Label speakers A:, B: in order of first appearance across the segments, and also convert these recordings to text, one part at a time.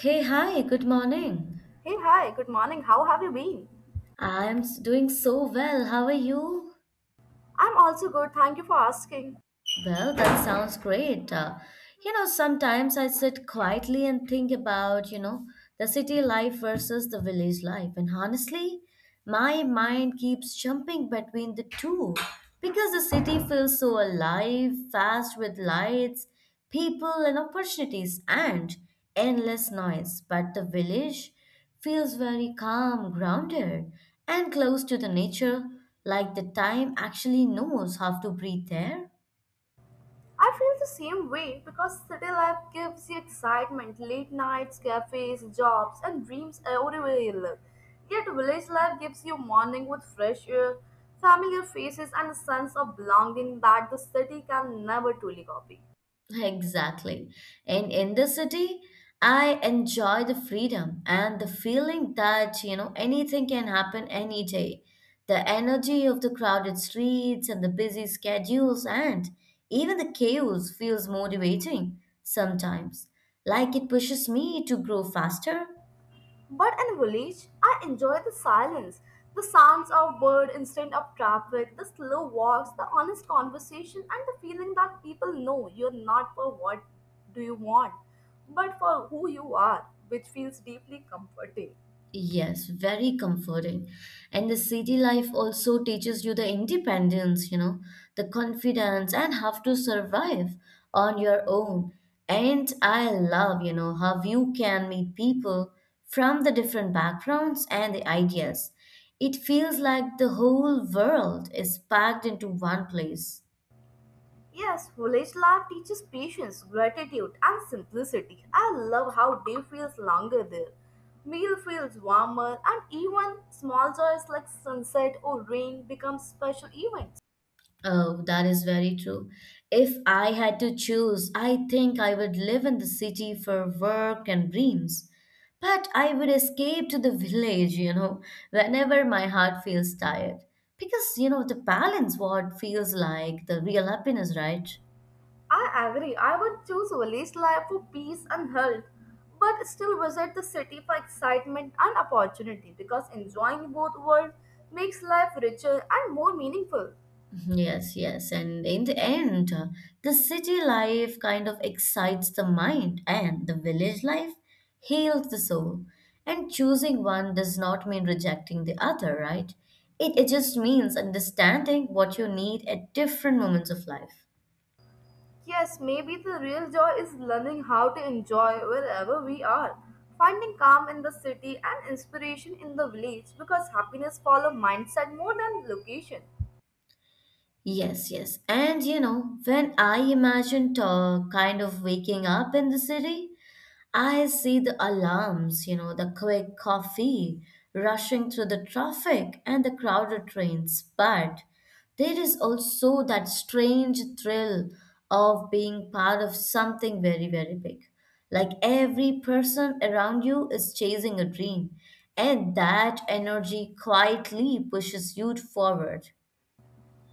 A: Hey, hi, good morning.
B: Hey, hi, good morning. How have you been?
A: I am doing so well. How are you?
B: I'm also good, thank you for asking.
A: Well, that sounds great. Sometimes I sit quietly and think about, the city life versus the village life. And honestly, my mind keeps jumping between the two because the city feels so alive, fast with lights, people, and opportunities, and endless noise. But the village feels very calm, grounded, and close to the nature, like the time actually knows how to breathe there.
B: I feel the same way because city life gives you excitement, late nights, cafes, jobs, and dreams everywhere you live. Yet, village life gives you morning with fresh air, familiar faces, and a sense of belonging that the city can never truly copy.
A: Exactly. And in the city, I enjoy the freedom and the feeling that, you know, anything can happen any day. The energy of the crowded streets and the busy schedules and even the chaos feels motivating sometimes, like it pushes me to grow faster.
B: But in village, I enjoy the silence, the sounds of bird instead of traffic, the slow walks, the honest conversation, and the feeling that people know you're not for what do you want, but for who you are, which feels deeply comforting.
A: Yes, very comforting. And the city life also teaches you the independence, you know, the confidence and how to survive on your own. And I love, you know, how you can meet people from the different backgrounds and the ideas. It feels like the whole world is packed into one place.
B: Yes, village life teaches patience, gratitude, and simplicity. I love how day feels longer there. Meal feels warmer, and even small joys like sunset or rain become special events.
A: Oh, that is very true. If I had to choose, I think I would live in the city for work and dreams. But I would escape to the village, you know, whenever my heart feels tired. Because, you know, the balance what feels like the real happiness, right?
B: I agree. I would choose village life for peace and health, but still visit the city for excitement and opportunity because enjoying both worlds makes life richer and more meaningful.
A: Yes, yes. And in the end, the city life kind of excites the mind, and the village life heals the soul. And choosing one does not mean rejecting the other, right? It just means understanding what you need at different moments of life.
B: Yes, maybe the real joy is learning how to enjoy wherever we are, finding calm in the city and inspiration in the village because happiness follows mindset more than location.
A: Yes, yes. And you know, when I imagined kind of waking up in the city, I see the alarms, you know, the quick coffee rushing through the traffic and the crowded trains. But there is also that strange thrill of being part of something very, very big. Like every person around you is chasing a dream, and that energy quietly pushes you forward.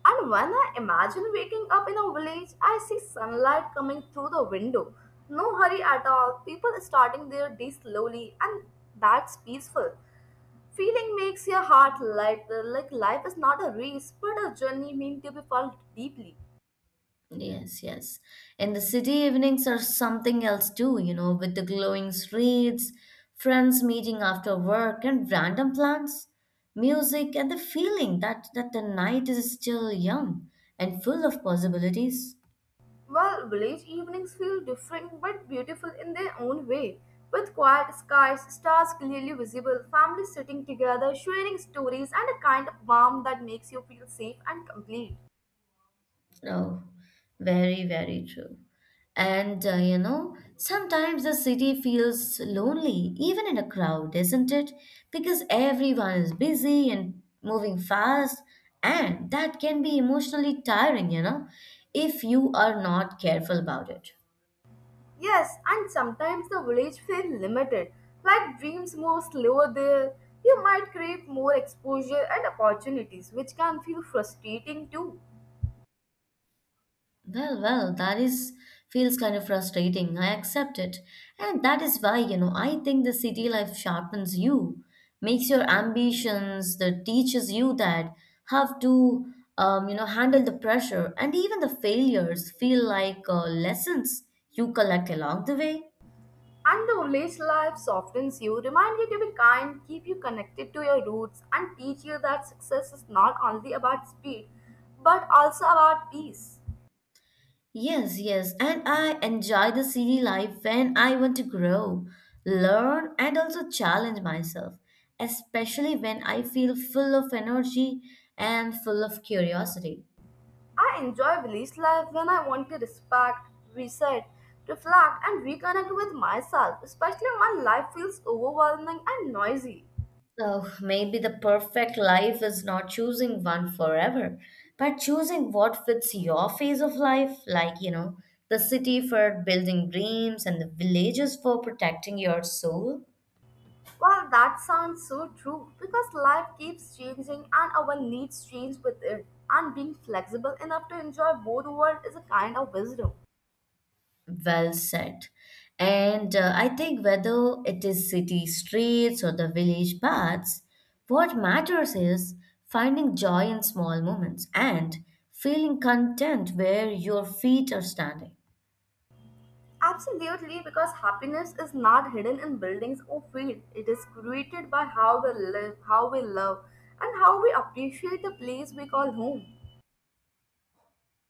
B: And when I imagine waking up in a village, I see sunlight coming through the window. No hurry at all, people starting their day slowly, and that's peaceful. Feeling makes your heart light, like life is not a race, but a journey meant to be felt deeply.
A: Yes, yes. And the city evenings are something else too, you know, with the glowing streets, friends meeting after work, and random plans, music, and the feeling that, the night is still young and full of possibilities.
B: Well, village evenings feel different but beautiful in their own way. With quiet skies, stars clearly visible, families sitting together, sharing stories, and a kind of warmth that makes you feel safe and complete.
A: Oh, very, very true. And you know, sometimes the city feels lonely, even in a crowd, isn't it? Because everyone is busy and moving fast, and that can be emotionally tiring, you know, if you are not careful about it.
B: Yes, and sometimes the village feels limited. Like dreams move slower there. You might crave more exposure and opportunities, which can feel frustrating too.
A: Well, that is feels kind of frustrating. I accept it. And that is why, you know, I think the city life sharpens you, makes your ambitions, that teaches you that how to you know, handle the pressure and even the failures feel like lessons you collect along the way.
B: And the village life softens you, remind you to be kind, keep you connected to your roots, and teach you that success is not only about speed, but also about peace.
A: Yes, yes, and I enjoy the city life when I want to grow, learn, and also challenge myself, especially when I feel full of energy and full of curiosity.
B: I enjoy village life when I want to respect, reset, reflect, and reconnect with myself, especially when life feels overwhelming and noisy.
A: Oh, maybe the perfect life is not choosing one forever, but choosing what fits your phase of life, like, you know, the city for building dreams and the villages for protecting your soul.
B: Well, that sounds so true because life keeps changing and our needs change with it. And being flexible enough to enjoy both worlds is a kind of wisdom.
A: Well said. And I think whether it is city streets or the village paths, what matters is finding joy in small moments and feeling content where your feet are standing.
B: Absolutely, because happiness is not hidden in buildings or field. It is created by how we live, how we love, and how we appreciate the place we call home.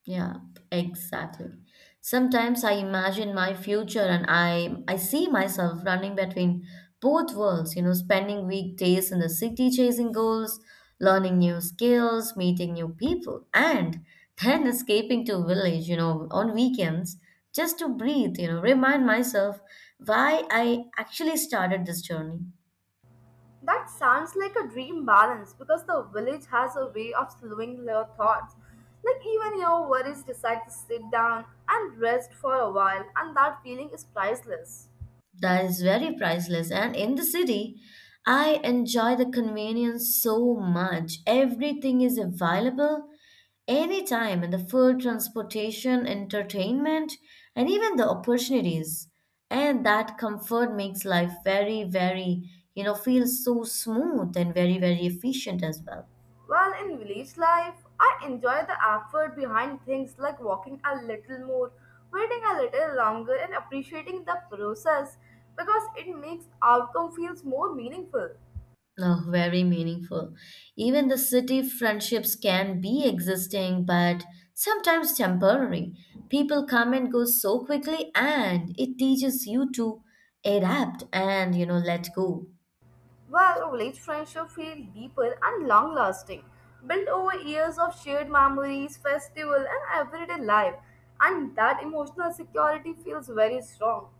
A: Yeah, exactly. Sometimes I imagine my future and I see myself running between both worlds, you know, spending weekdays in the city chasing goals, learning new skills, meeting new people, and then escaping to village, you know, on weekends just to breathe, you know, remind myself why I actually started this journey.
B: That sounds like a dream balance because the village has a way of slowing your thoughts. Like even your worries decide to sit down and rest for a while, and that feeling is priceless.
A: That is very priceless. And in the city, I enjoy the convenience so much. Everything is available anytime, and the food, transportation, entertainment, and even the opportunities. And that comfort makes life very, very, you know, feel so smooth and very, very efficient as well.
B: While in village life, I enjoy the effort behind things like walking a little more, waiting a little longer, and appreciating the process because it makes outcome feels more meaningful.
A: Oh, very meaningful. Even the city friendships can be existing, but sometimes temporary. People come and go so quickly, and it teaches you to adapt and you know let go.
B: Well, village friendships feel deeper and long lasting, built over years of shared memories, festival, and everyday life. And that emotional security feels very strong.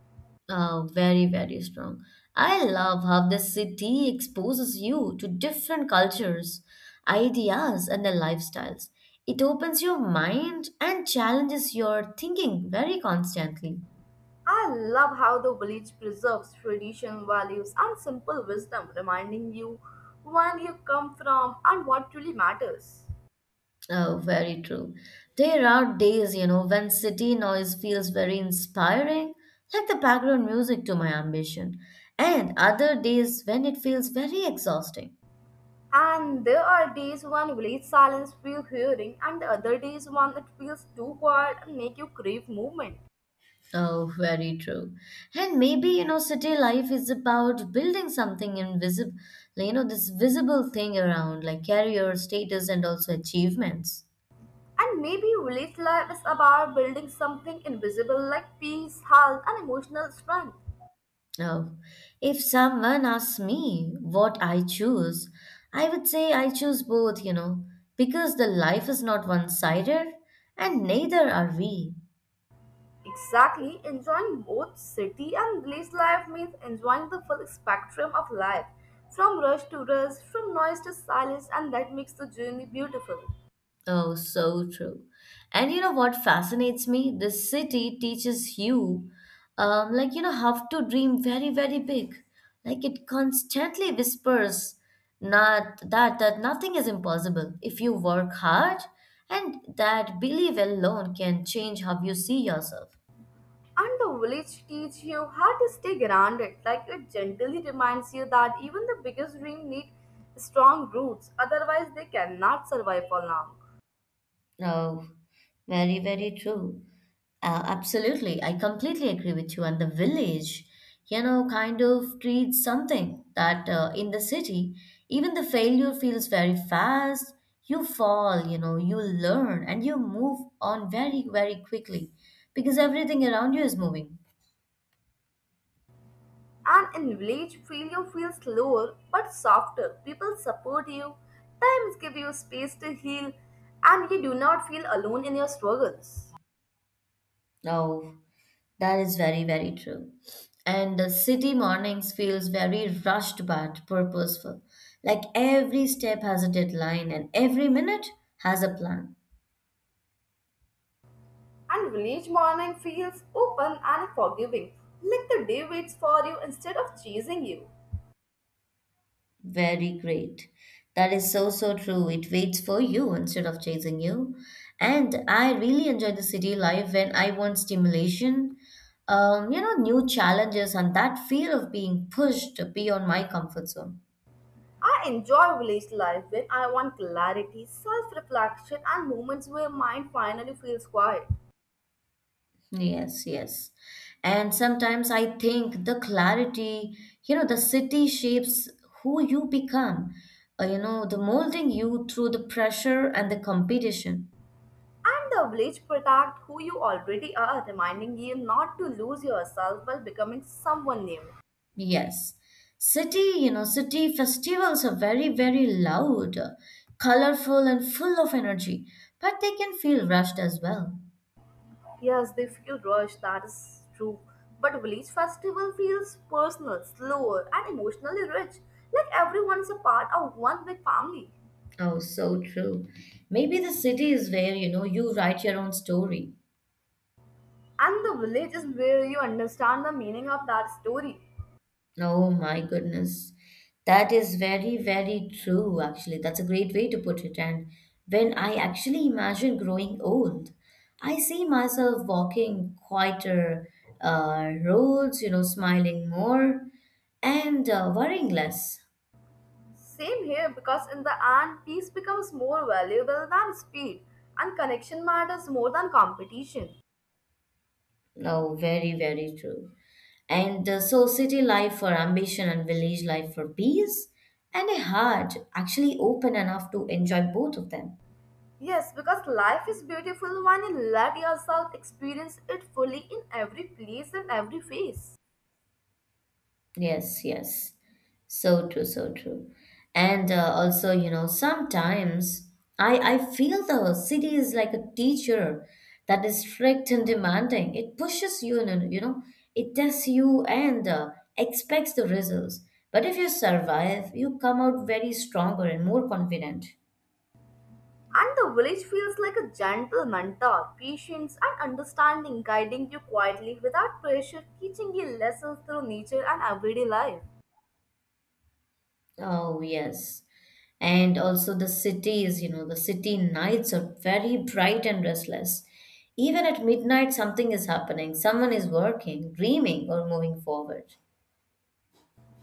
A: Oh, very, very strong. I love how the city exposes you to different cultures, ideas, and their lifestyles. It opens your mind and challenges your thinking very constantly.
B: I love how the village preserves tradition, values, and simple wisdom, reminding you where you come from and what truly matters.
A: Oh, very true. There are days, you know, when city noise feels very inspiring, like the background music to my ambition, and other days when it feels very exhausting.
B: And there are days when village silence feels hearing, and the other days when it feels too quiet and make you crave movement.
A: Oh, very true. And maybe, you know, city life is about building something invisible, you know, this visible thing around, like career, status, and also achievements.
B: And maybe village life is about building something invisible like peace, health, and emotional strength.
A: Oh, if someone asks me what I choose, I would say I choose both, you know, because the life is not one sided and neither are we.
B: Exactly, enjoying both city and village life means enjoying the full spectrum of life, from rush to rest, from noise to silence, and that makes the journey beautiful.
A: Oh, so true. And you know what fascinates me? The city teaches you, like, you know, how to dream very, very big. Like it constantly whispers not that nothing is impossible if you work hard and that belief alone can change how you see yourself.
B: And the village teach you how to stay grounded, like it gently reminds you that even the biggest dream need strong roots, otherwise they cannot survive for long.
A: Oh, very, very true. Absolutely. I completely agree with you. And the village, you know, kind of treats something that in the city, even the failure feels very fast. You fall, you know, you learn and you move on very, very quickly because everything around you is moving.
B: And in village, failure feels slower but softer. People support you, times give you space to heal, and you do not feel alone in your struggles.
A: Oh, that is very, very true. And the city mornings feels very rushed but purposeful. Like every step has a deadline and every minute has a plan.
B: And village morning feels open and forgiving, like the day waits for you instead of chasing you.
A: Very great. That is so, so true. It waits for you instead of chasing you. And I really enjoy the city life when I want stimulation, you know, new challenges and that feel of being pushed beyond my comfort zone.
B: I enjoy village life when I want clarity, self reflection, and moments where mind finally feels quiet.
A: Yes, yes. And sometimes I think the clarity, you know, the city shapes who you become, you know, the molding you through the pressure and the competition.
B: And the village protect who you already are, reminding you not to lose yourself while becoming someone new.
A: Yes. City, you know, city festivals are very, very loud, colorful, and full of energy, but they can feel rushed as well.
B: Yes, they feel rushed, that is true. But village festival feels personal, slower, and emotionally rich. Like everyone's a part of one big family.
A: Oh, so true. Maybe the city is where, you know, you write your own story.
B: And the village is where you understand the meaning of that story.
A: Oh my goodness. That is very, very true, actually. That's a great way to put it. And when I actually imagine growing old, I see myself walking quieter roads, you know, smiling more and worrying less.
B: Same here, because in the end, peace becomes more valuable than speed, and connection matters more than competition.
A: No, very, very true. And so, city life for ambition and village life for peace, and a heart actually open enough to enjoy both of them.
B: Yes, because life is beautiful when you let yourself experience it fully in every place and every phase.
A: Yes, yes. So true, so true. And also, you know, sometimes I feel the city is like a teacher that is strict and demanding. It pushes you, and you know, it tests you and expects the results. But if you survive, you come out very stronger and more confident.
B: And the village feels like a gentle mentor, patience and understanding guiding you quietly without pressure, teaching you lessons through nature and everyday life.
A: Oh, yes. And also the cities, you know, the city nights are very bright and restless. Even at midnight, something is happening. Someone is working, dreaming, or moving forward.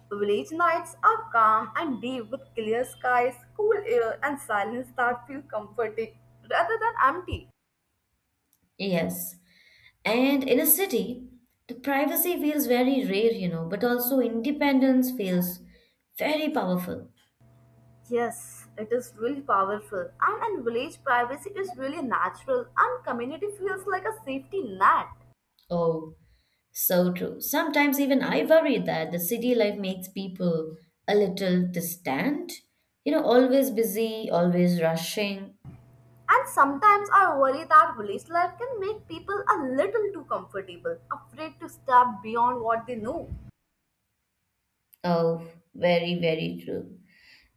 B: Village nights are calm and deep with clear skies, cool air, and silence that feel comforting rather than empty.
A: Yes. And in a city, the privacy feels very rare, you know, but also independence feels very powerful.
B: Yes, it is really powerful, and in village privacy is really natural, and community feels like a safety net.
A: Oh, so true. Sometimes even I worry that the city life makes people a little distant, you know, always busy, always rushing.
B: And sometimes I worry that village life can make people a little too comfortable, afraid to step beyond what they know.
A: Oh, very, very true.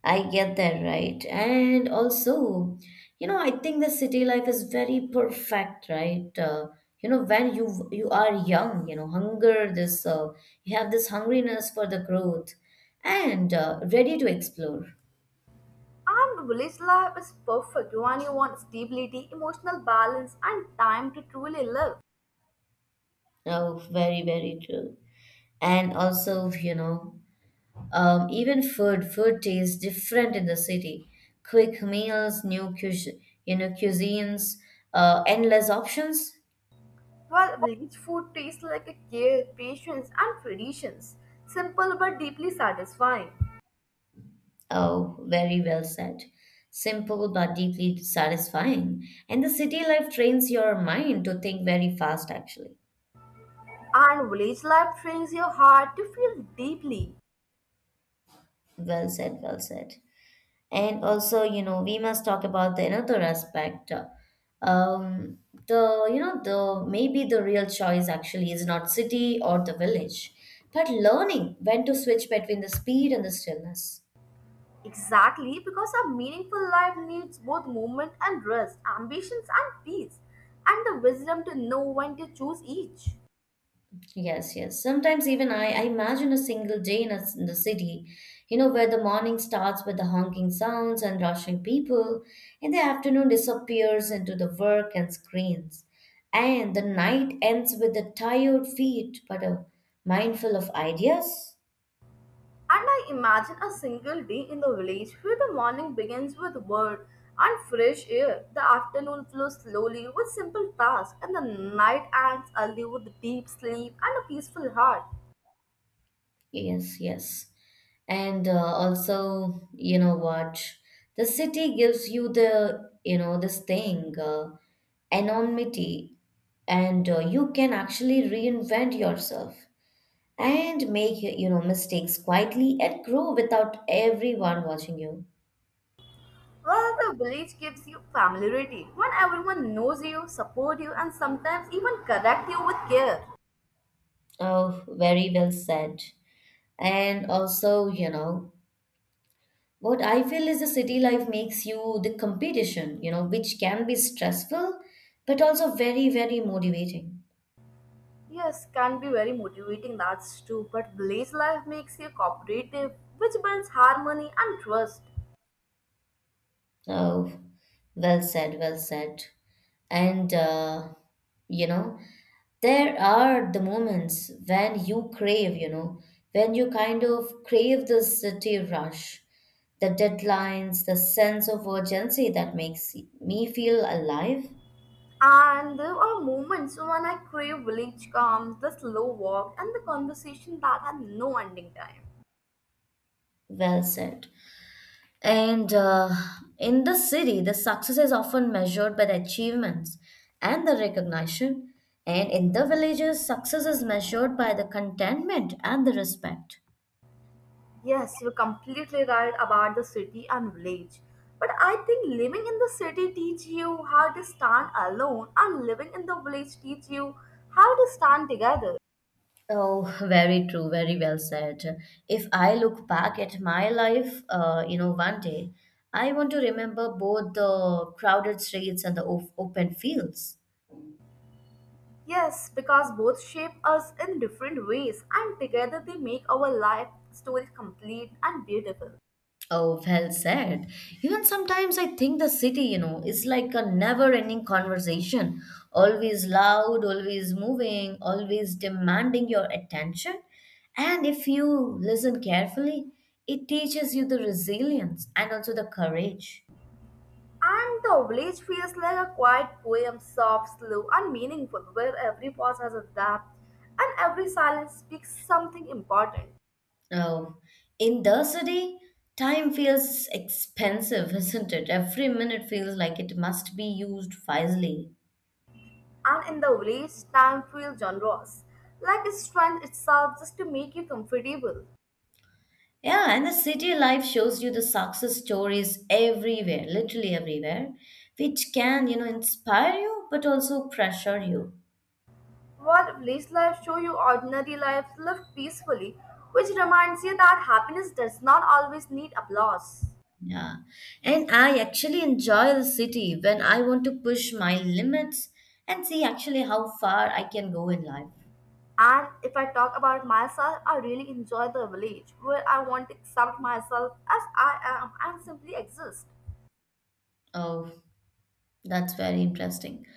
A: I get that right. And also, you know, I think the city life is very perfect, right? You know, when you are young, you know, hunger this you have this hungriness for the growth and ready to explore.
B: And village life is perfect when you want stability, emotional balance, and time to truly live.
A: Oh, very, very true. And also, you know, even food, food tastes different in the city. Quick meals, you know, cuisines, endless options.
B: While village food tastes like a care, patience, and traditions, simple but deeply satisfying.
A: Oh, very well said. Simple but deeply satisfying. And the city life trains your mind to think very fast, actually.
B: And village life trains your heart to feel deeply.
A: Well said, well said. And also, you know, we must talk about the another aspect. Um, the you know the maybe the real choice actually is not city or the village, but learning when to switch between the speed and the stillness.
B: Exactly, because a meaningful life needs both movement and rest, ambitions and peace, and the wisdom to know when to choose each.
A: Yes, yes. Sometimes even I imagine a single day in, in the city, you know, where the morning starts with the honking sounds and rushing people, and the afternoon disappears into the work and screens, and the night ends with the tired feet but a mindful of ideas.
B: And I imagine a single day in the village where the morning begins with word and fresh air, the afternoon flows slowly with simple tasks, and the night ends early with deep sleep and a peaceful heart.
A: Yes, yes. And also you know what the city gives you the you know this thing anonymity and you can actually reinvent yourself and make you know mistakes quietly and grow without everyone watching you.
B: Well, the village gives you familiarity when everyone knows you, support you, and sometimes even correct you with care.
A: Oh, very well said. And also you know what I feel is the city life makes you the competition, you know, which can be stressful but also very, very motivating.
B: Yes, can be very motivating, that's true. But village life makes you cooperative, which builds harmony and trust.
A: Oh, well said, well said. And, uh, you know, there are the moments when you crave, when you kind of crave the city rush, the deadlines, the sense of urgency that makes me feel alive.
B: And there are moments when I crave village calm, the slow walk, and the conversation that had no ending time.
A: Well said. And in the city, the success is often measured by the achievements and the recognition. And in the villages, success is measured by the contentment and the respect.
B: Yes, you're completely right about the city and village. But I think living in the city teach you how to stand alone, and living in the village teach you how to stand together.
A: Oh, very true, very well said. If I look back at my life, one day, I want to remember both the crowded streets and the open fields.
B: Yes, because both shape us in different ways, and together they make our life story complete and beautiful.
A: Oh, well said. Even sometimes I think the city, is like a never ending conversation, always loud, always moving, always demanding your attention. And if you listen carefully, it teaches you the resilience and also the courage.
B: And the village feels like a quiet poem, soft, slow, and meaningful, where every pause has a depth and every silence speaks something important.
A: Oh, in the city, time feels expensive, isn't it? Every minute feels like it must be used wisely.
B: And in the village, time feels generous, like its strength itself just to make you comfortable.
A: Yeah, and the city life shows you the success stories everywhere, literally everywhere, which can, inspire you but also pressure you.
B: While village life show you ordinary life lived peacefully, which reminds you that happiness does not always need applause.
A: Yeah. And I actually enjoy the city when I want to push my limits and see actually how far I can go in life.
B: And if I talk about myself, I really enjoy the village where I want to accept myself as I am and simply exist.
A: Oh. That's very interesting.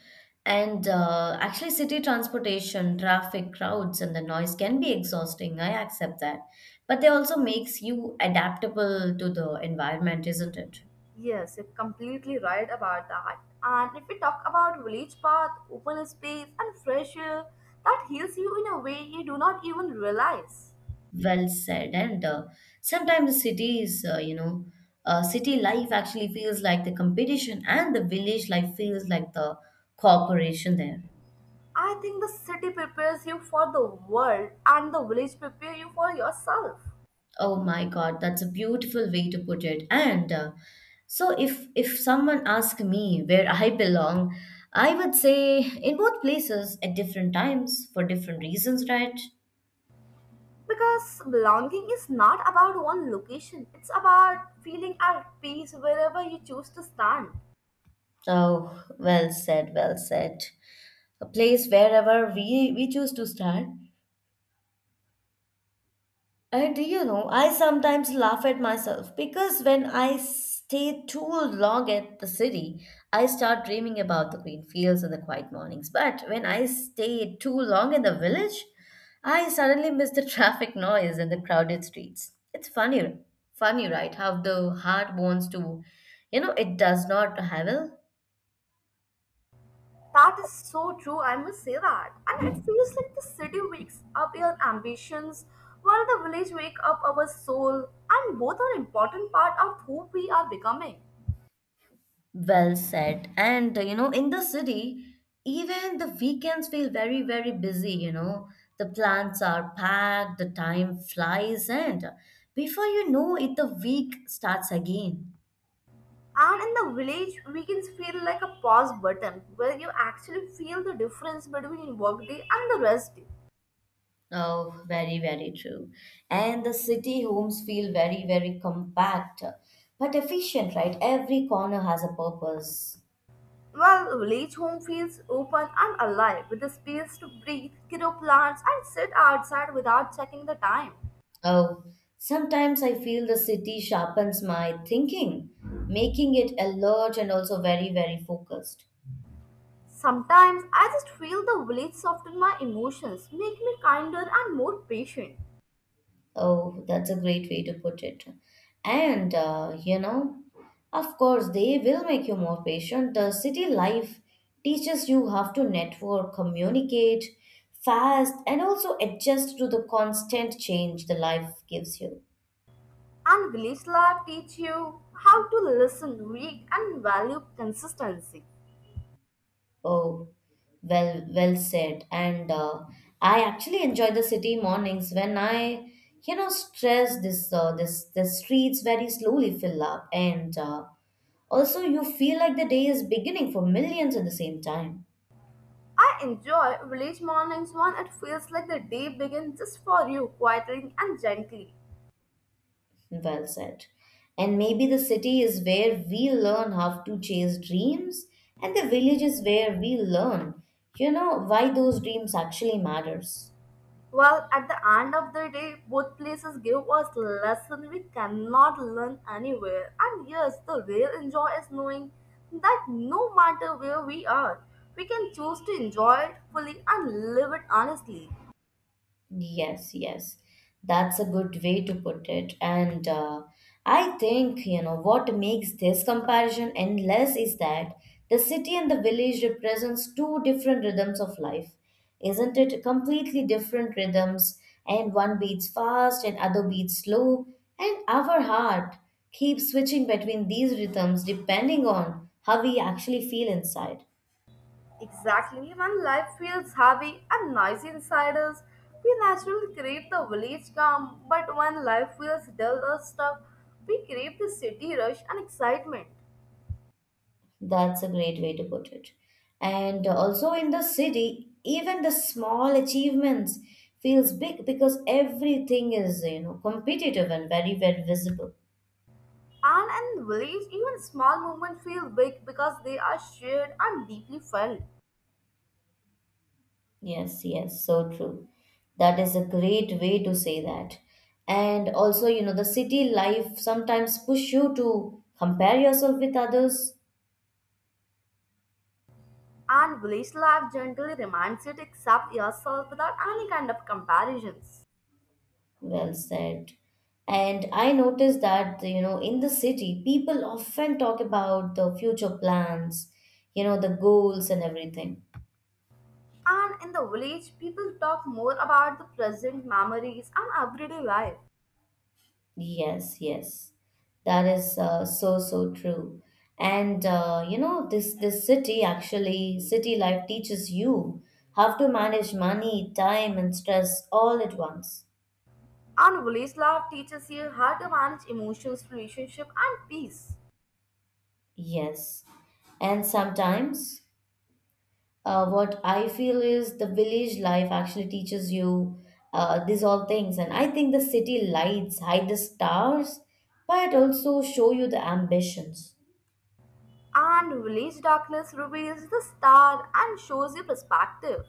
A: And actually, city transportation, traffic, crowds, and the noise can be exhausting. I accept that. But they also makes you adaptable to the environment, isn't it?
B: Yes, you're completely right about that. And if we talk about village path, open space, and fresh air, that heals you in a way you do not even realize.
A: Well said. And sometimes the cities, city life actually feels like the competition, and the village life feels like the cooperation there.
B: I think the city prepares you for the world and the village prepare you for yourself.
A: Oh my God, that's a beautiful way to put it. And so, if someone asked me where I belong, I would say in both places at different times for different reasons, right?
B: Because belonging is not about one location, it's about feeling at peace wherever you choose to stand.
A: So, well said, well said. A place wherever we choose to start. And you know, I sometimes laugh at myself because when I stay too long at the city, I start dreaming about the green fields and the quiet mornings. But when I stay too long in the village, I suddenly miss the traffic noise and the crowded streets. It's funny, funny, right? How the heart wants to, it does not have travel.
B: That is so true, I must say that. And it feels like the city wakes up your ambitions, while the village wake up our soul, and both are important part of who we are becoming.
A: Well said. And in the city, even the weekends feel very, very busy, you know. The plants are packed, the time flies, and before you know it, the week starts again.
B: And in the village, weekends feel like a pause button, where you actually feel the difference between workday and the rest day.
A: Oh, very, very true. And the city homes feel very, very compact, but efficient, right? Every corner has a purpose.
B: Well, village home feels open and alive, with the space to breathe, grow plants, and sit outside without checking the time.
A: Oh, sometimes I feel the city sharpens my thinking, making it alert and also very, very focused.
B: Sometimes I just feel the village soften my emotions, make me kinder and more patient.
A: Oh, that's a great way to put it. And, of course, they will make you more patient. The city life teaches you how to network, communicate fast, and also adjust to the constant change the life gives you.
B: And village life teach you how to listen, read, and value consistency.
A: Oh, well, well said. And I actually enjoy the city mornings when I, stress this, this, the streets very slowly fill up, and also you feel like the day is beginning for millions at the same time.
B: I enjoy village mornings when it feels like the day begins just for you, quietly and gently.
A: Well said. And maybe the city is where we learn how to chase dreams, and the village is where we learn, why those dreams actually matters.
B: Well, at the end of the day, both places give us lesson we cannot learn anywhere. And yes, the real enjoy is knowing that no matter where we are, we can choose to enjoy it fully and live it honestly.
A: Yes, yes. That's a good way to put it. And I think, what makes this comparison endless is that the city and the village represents two different rhythms of life. Isn't it? Completely different rhythms, and one beats fast and other beats slow, and our heart keeps switching between these rhythms depending on how we actually feel inside.
B: Exactly, when life feels heavy and noisy inside us, we naturally crave the village calm. But when life feels dull or stuck, we crave the city rush and excitement.
A: That's a great way to put it. And also in the city, even the small achievements feels big because everything is, competitive and very, very visible.
B: And in the village, even small movements feel big because they are shared and deeply felt.
A: Yes, yes, so true. That is a great way to say that. And also, the city life sometimes push you to compare yourself with others.
B: And village life generally reminds you to accept yourself without any kind of comparisons.
A: Well said. And I noticed that, in the city, people often talk about the future plans, the goals and everything.
B: And in the village, people talk more about the present memories and everyday life.
A: Yes, yes. That is so, so true. And this city actually, city life teaches you how to manage money, time, and stress all at once.
B: And village life teaches you how to manage emotions, relationship, and peace.
A: Yes. And sometimes what I feel is the village life actually teaches you these all things. And I think the city lights hide the stars, but also show you the ambitions.
B: And village darkness reveals the star and shows you perspective.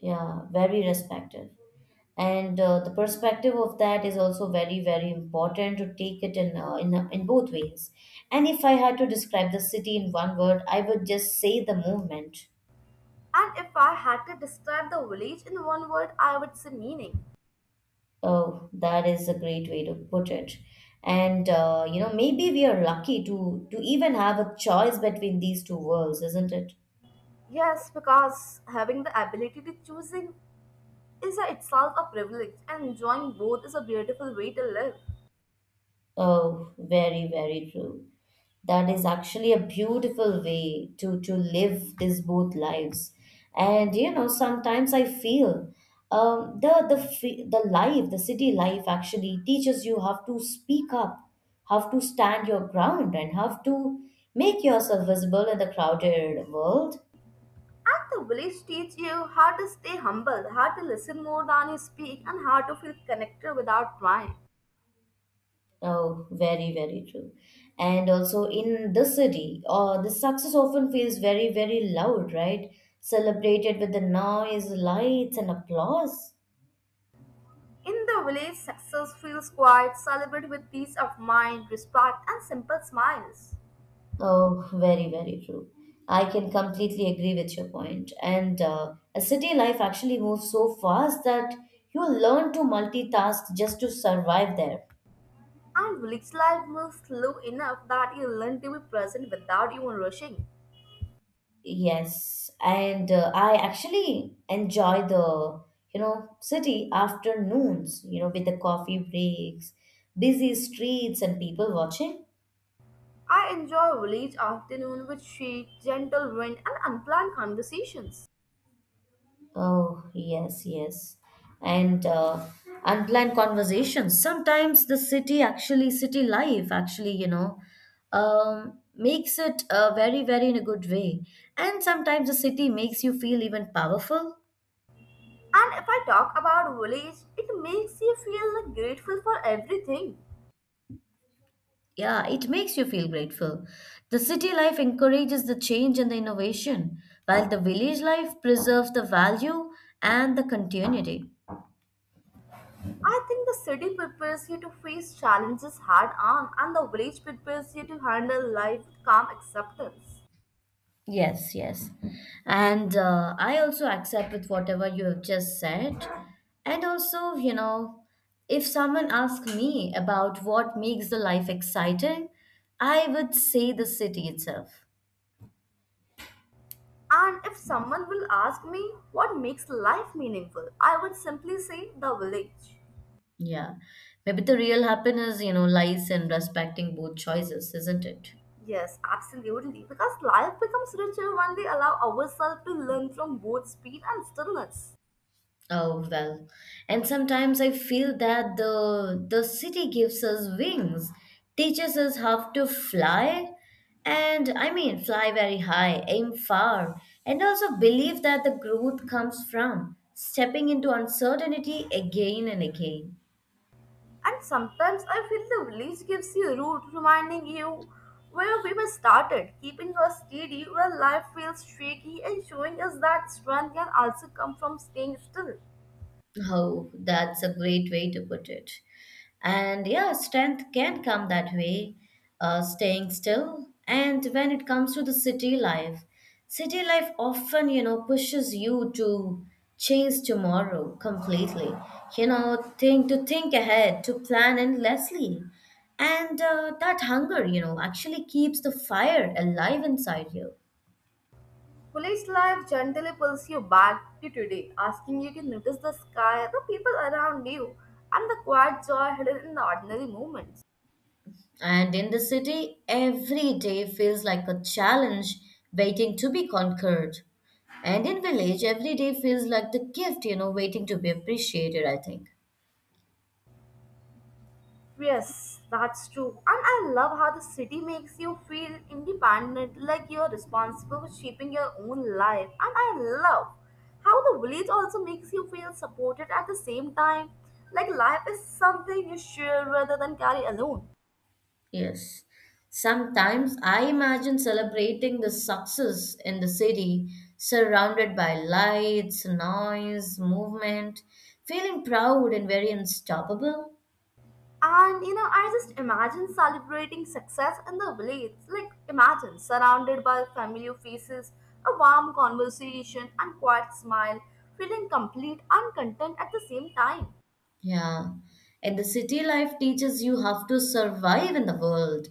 A: Yeah, very respective. And the perspective of that is also very, very important to take it in both ways. And if I had to describe the city in one word, I would just say the movement.
B: And if I had to describe the village in one word, I would say meaning.
A: Oh, that is a great way to put it. And maybe we are lucky to even have a choice between these two worlds, isn't it?
B: Yes, because having the ability to choosing is a, itself a privilege, and enjoying both is a beautiful way to live.
A: Oh, very, very true. That is actually a beautiful way to live these both lives. And you know, sometimes I feel the the life, the city life, actually teaches you how to speak up, how to stand your ground, and how to make yourself visible in the crowded world.
B: And the village teach you how to stay humble, how to listen more than you speak, and how to feel connected without trying.
A: Oh, very, very true. And also in the city, the success often feels very, very loud, right? Celebrated with the noise, lights, and applause.
B: In the village, success feels quiet, celebrated with peace of mind, respect, and simple smiles.
A: Oh, very, very true. I can completely agree with your point. And a city life actually moves so fast that you learn to multitask just to survive there.
B: And village life moves slow enough that you learn to be present without even rushing.
A: Yes, and I actually enjoy the, city afternoons, with the coffee breaks, busy streets and people watching.
B: I enjoy village afternoon with shade, gentle wind, and unplanned conversations.
A: Oh, yes, yes. And unplanned conversations. Sometimes the city actually, city life actually, makes it very, very in a good way. And sometimes the city makes you feel even powerful.
B: And if I talk about village, it makes you feel like grateful for everything.
A: Yeah, it makes you feel grateful. The city life encourages the change and the innovation, while the village life preserves the value and the continuity.
B: I think the city prepares you to face challenges head on, and the village prepares you to handle life with calm acceptance.
A: Yes, yes. And I also accept with whatever you have just said. And also, if someone asks me about what makes the life exciting, I would say the city itself.
B: And if someone will ask me what makes life meaningful, I would simply say the village.
A: Yeah. Maybe the real happiness, lies in respecting both choices, isn't it?
B: Yes, absolutely. Because life becomes richer when we allow ourselves to learn from both speed and stillness.
A: Oh well, and sometimes I feel that the city gives us wings, teaches us how to fly, and I mean fly very high, aim far, and also believe that the growth comes from stepping into uncertainty again and again.
B: And sometimes I feel the village gives you a route, reminding you where we were started, keeping us steady where life feels shaky and showing us that strength can also come from staying still.
A: Oh, that's a great way to put it. And yeah, strength can come that way, staying still. And when it comes to the city life often, pushes you to change tomorrow completely. You know, think to think ahead, to plan endlessly. And that hunger, actually keeps the fire alive inside you.
B: Village life gently pulls you back to today, asking you to notice the sky, the people around you, and the quiet joy hidden in the ordinary moments.
A: And in the city, every day feels like a challenge waiting to be conquered. And in village, every day feels like the gift, waiting to be appreciated, I think.
B: Yes, that's true. And I love how the city makes you feel independent, like you're responsible for shaping your own life. And I love how the village also makes you feel supported at the same time, like life is something you share rather than carry alone.
A: Yes. Sometimes I imagine celebrating the success in the city, surrounded by lights, noise, movement, feeling proud and very unstoppable.
B: And you know, I just imagine celebrating success in the village. Like, imagine surrounded by familiar faces, a warm conversation, and quiet smile, feeling complete and content at the same time.
A: Yeah. And the city life teaches you how to survive in the world.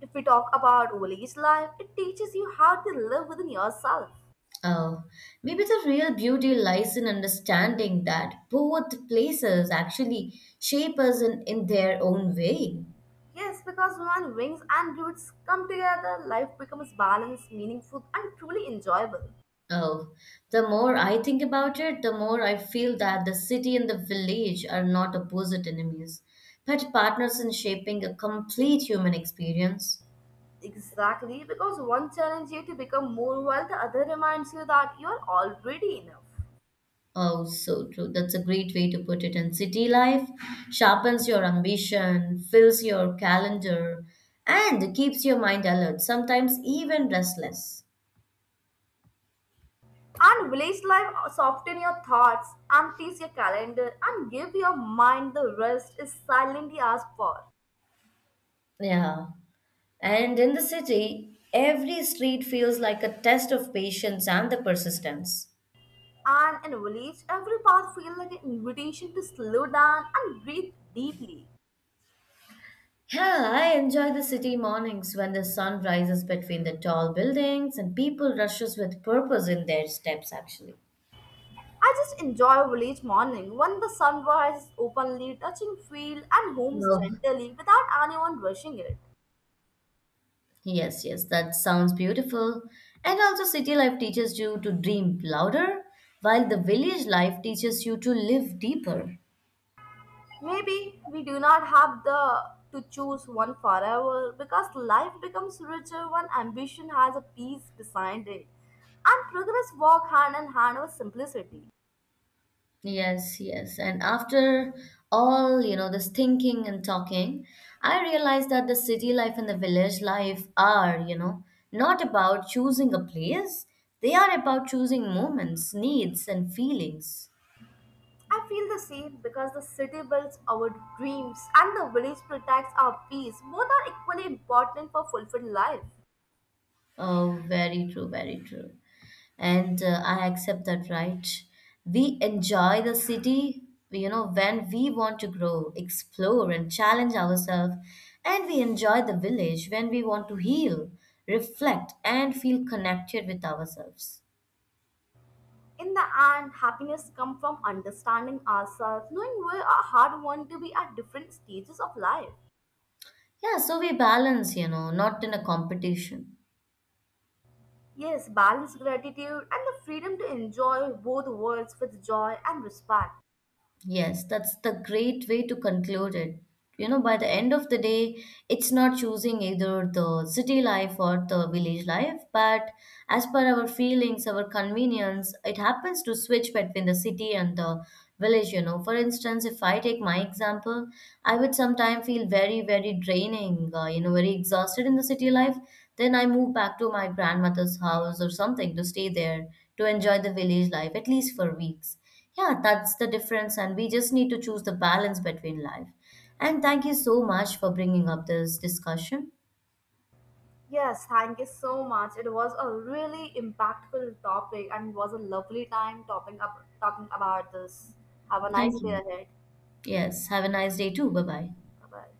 B: If we talk about village life, it teaches you how to live within yourself.
A: Oh, maybe the real beauty lies in understanding that both places actually shape us in their own way.
B: Yes, because when wings and roots come together, life becomes balanced, meaningful, and truly enjoyable.
A: Oh, the more I think about it, the more I feel that the city and the village are not opposite enemies, but partners in shaping a complete human experience.
B: Exactly, because one challenges you to become more while the other reminds you that you are already enough.
A: Oh, so true. That's a great way to put it. And city life sharpens your ambition, fills your calendar, and keeps your mind alert, sometimes even restless.
B: And village life soften your thoughts, empties your calendar, and give your mind the rest it silently asked for.
A: Yeah. And in the city, every street feels like a test of patience and the persistence.
B: And in village, every path feels like an invitation to slow down and breathe deeply.
A: Yeah, I enjoy the city mornings when the sun rises between the tall buildings and people rushes with purpose in their steps actually.
B: I just enjoy a village morning when the sun rises openly, touching field and homes
A: No.
B: gently without anyone rushing it.
A: Yes, yes, that sounds beautiful. And also, city life teaches you to dream louder, while the village life teaches you to live deeper.
B: Maybe we do not have the to choose one forever because life becomes richer when ambition has a peace beside it and progress walk hand in hand with simplicity.
A: Yes, yes. And after all, this thinking and talking, I realized that the city life and the village life are, not about choosing a place, they are about choosing moments, needs, and feelings.
B: I feel the same because the city builds our dreams and the village protects our peace. Both are equally important for fulfilled life.
A: Oh, very true, very true. And I accept that, right? We enjoy the city, when we want to grow, explore, and challenge ourselves. And we enjoy the village when we want to heal, reflect, and feel connected with ourselves.
B: In the end, happiness comes from understanding ourselves, knowing we are hard won to be at different stages of life.
A: Yeah, so we balance, not in a competition.
B: Yes, balanced gratitude and the freedom to enjoy both worlds with joy and respect.
A: Yes, that's the great way to conclude it. You know, by the end of the day, it's not choosing either the city life or the village life, but as per our feelings, our convenience, it happens to switch between the city and the village, you know. For instance, if I take my example, I would sometimes feel very, very draining, very exhausted in the city life. Then I move back to my grandmother's house or something to stay there to enjoy the village life, at least for weeks. Yeah, that's the difference, and we just need to choose the balance between life. And thank you so much for bringing up this discussion.
B: Yes, thank you so much. It was a really impactful topic and it was a lovely time topping up, talking about this. Have a nice
A: Thank
B: day
A: you.
B: ahead.
A: Yes, have a nice day too. Bye bye.
B: Bye bye.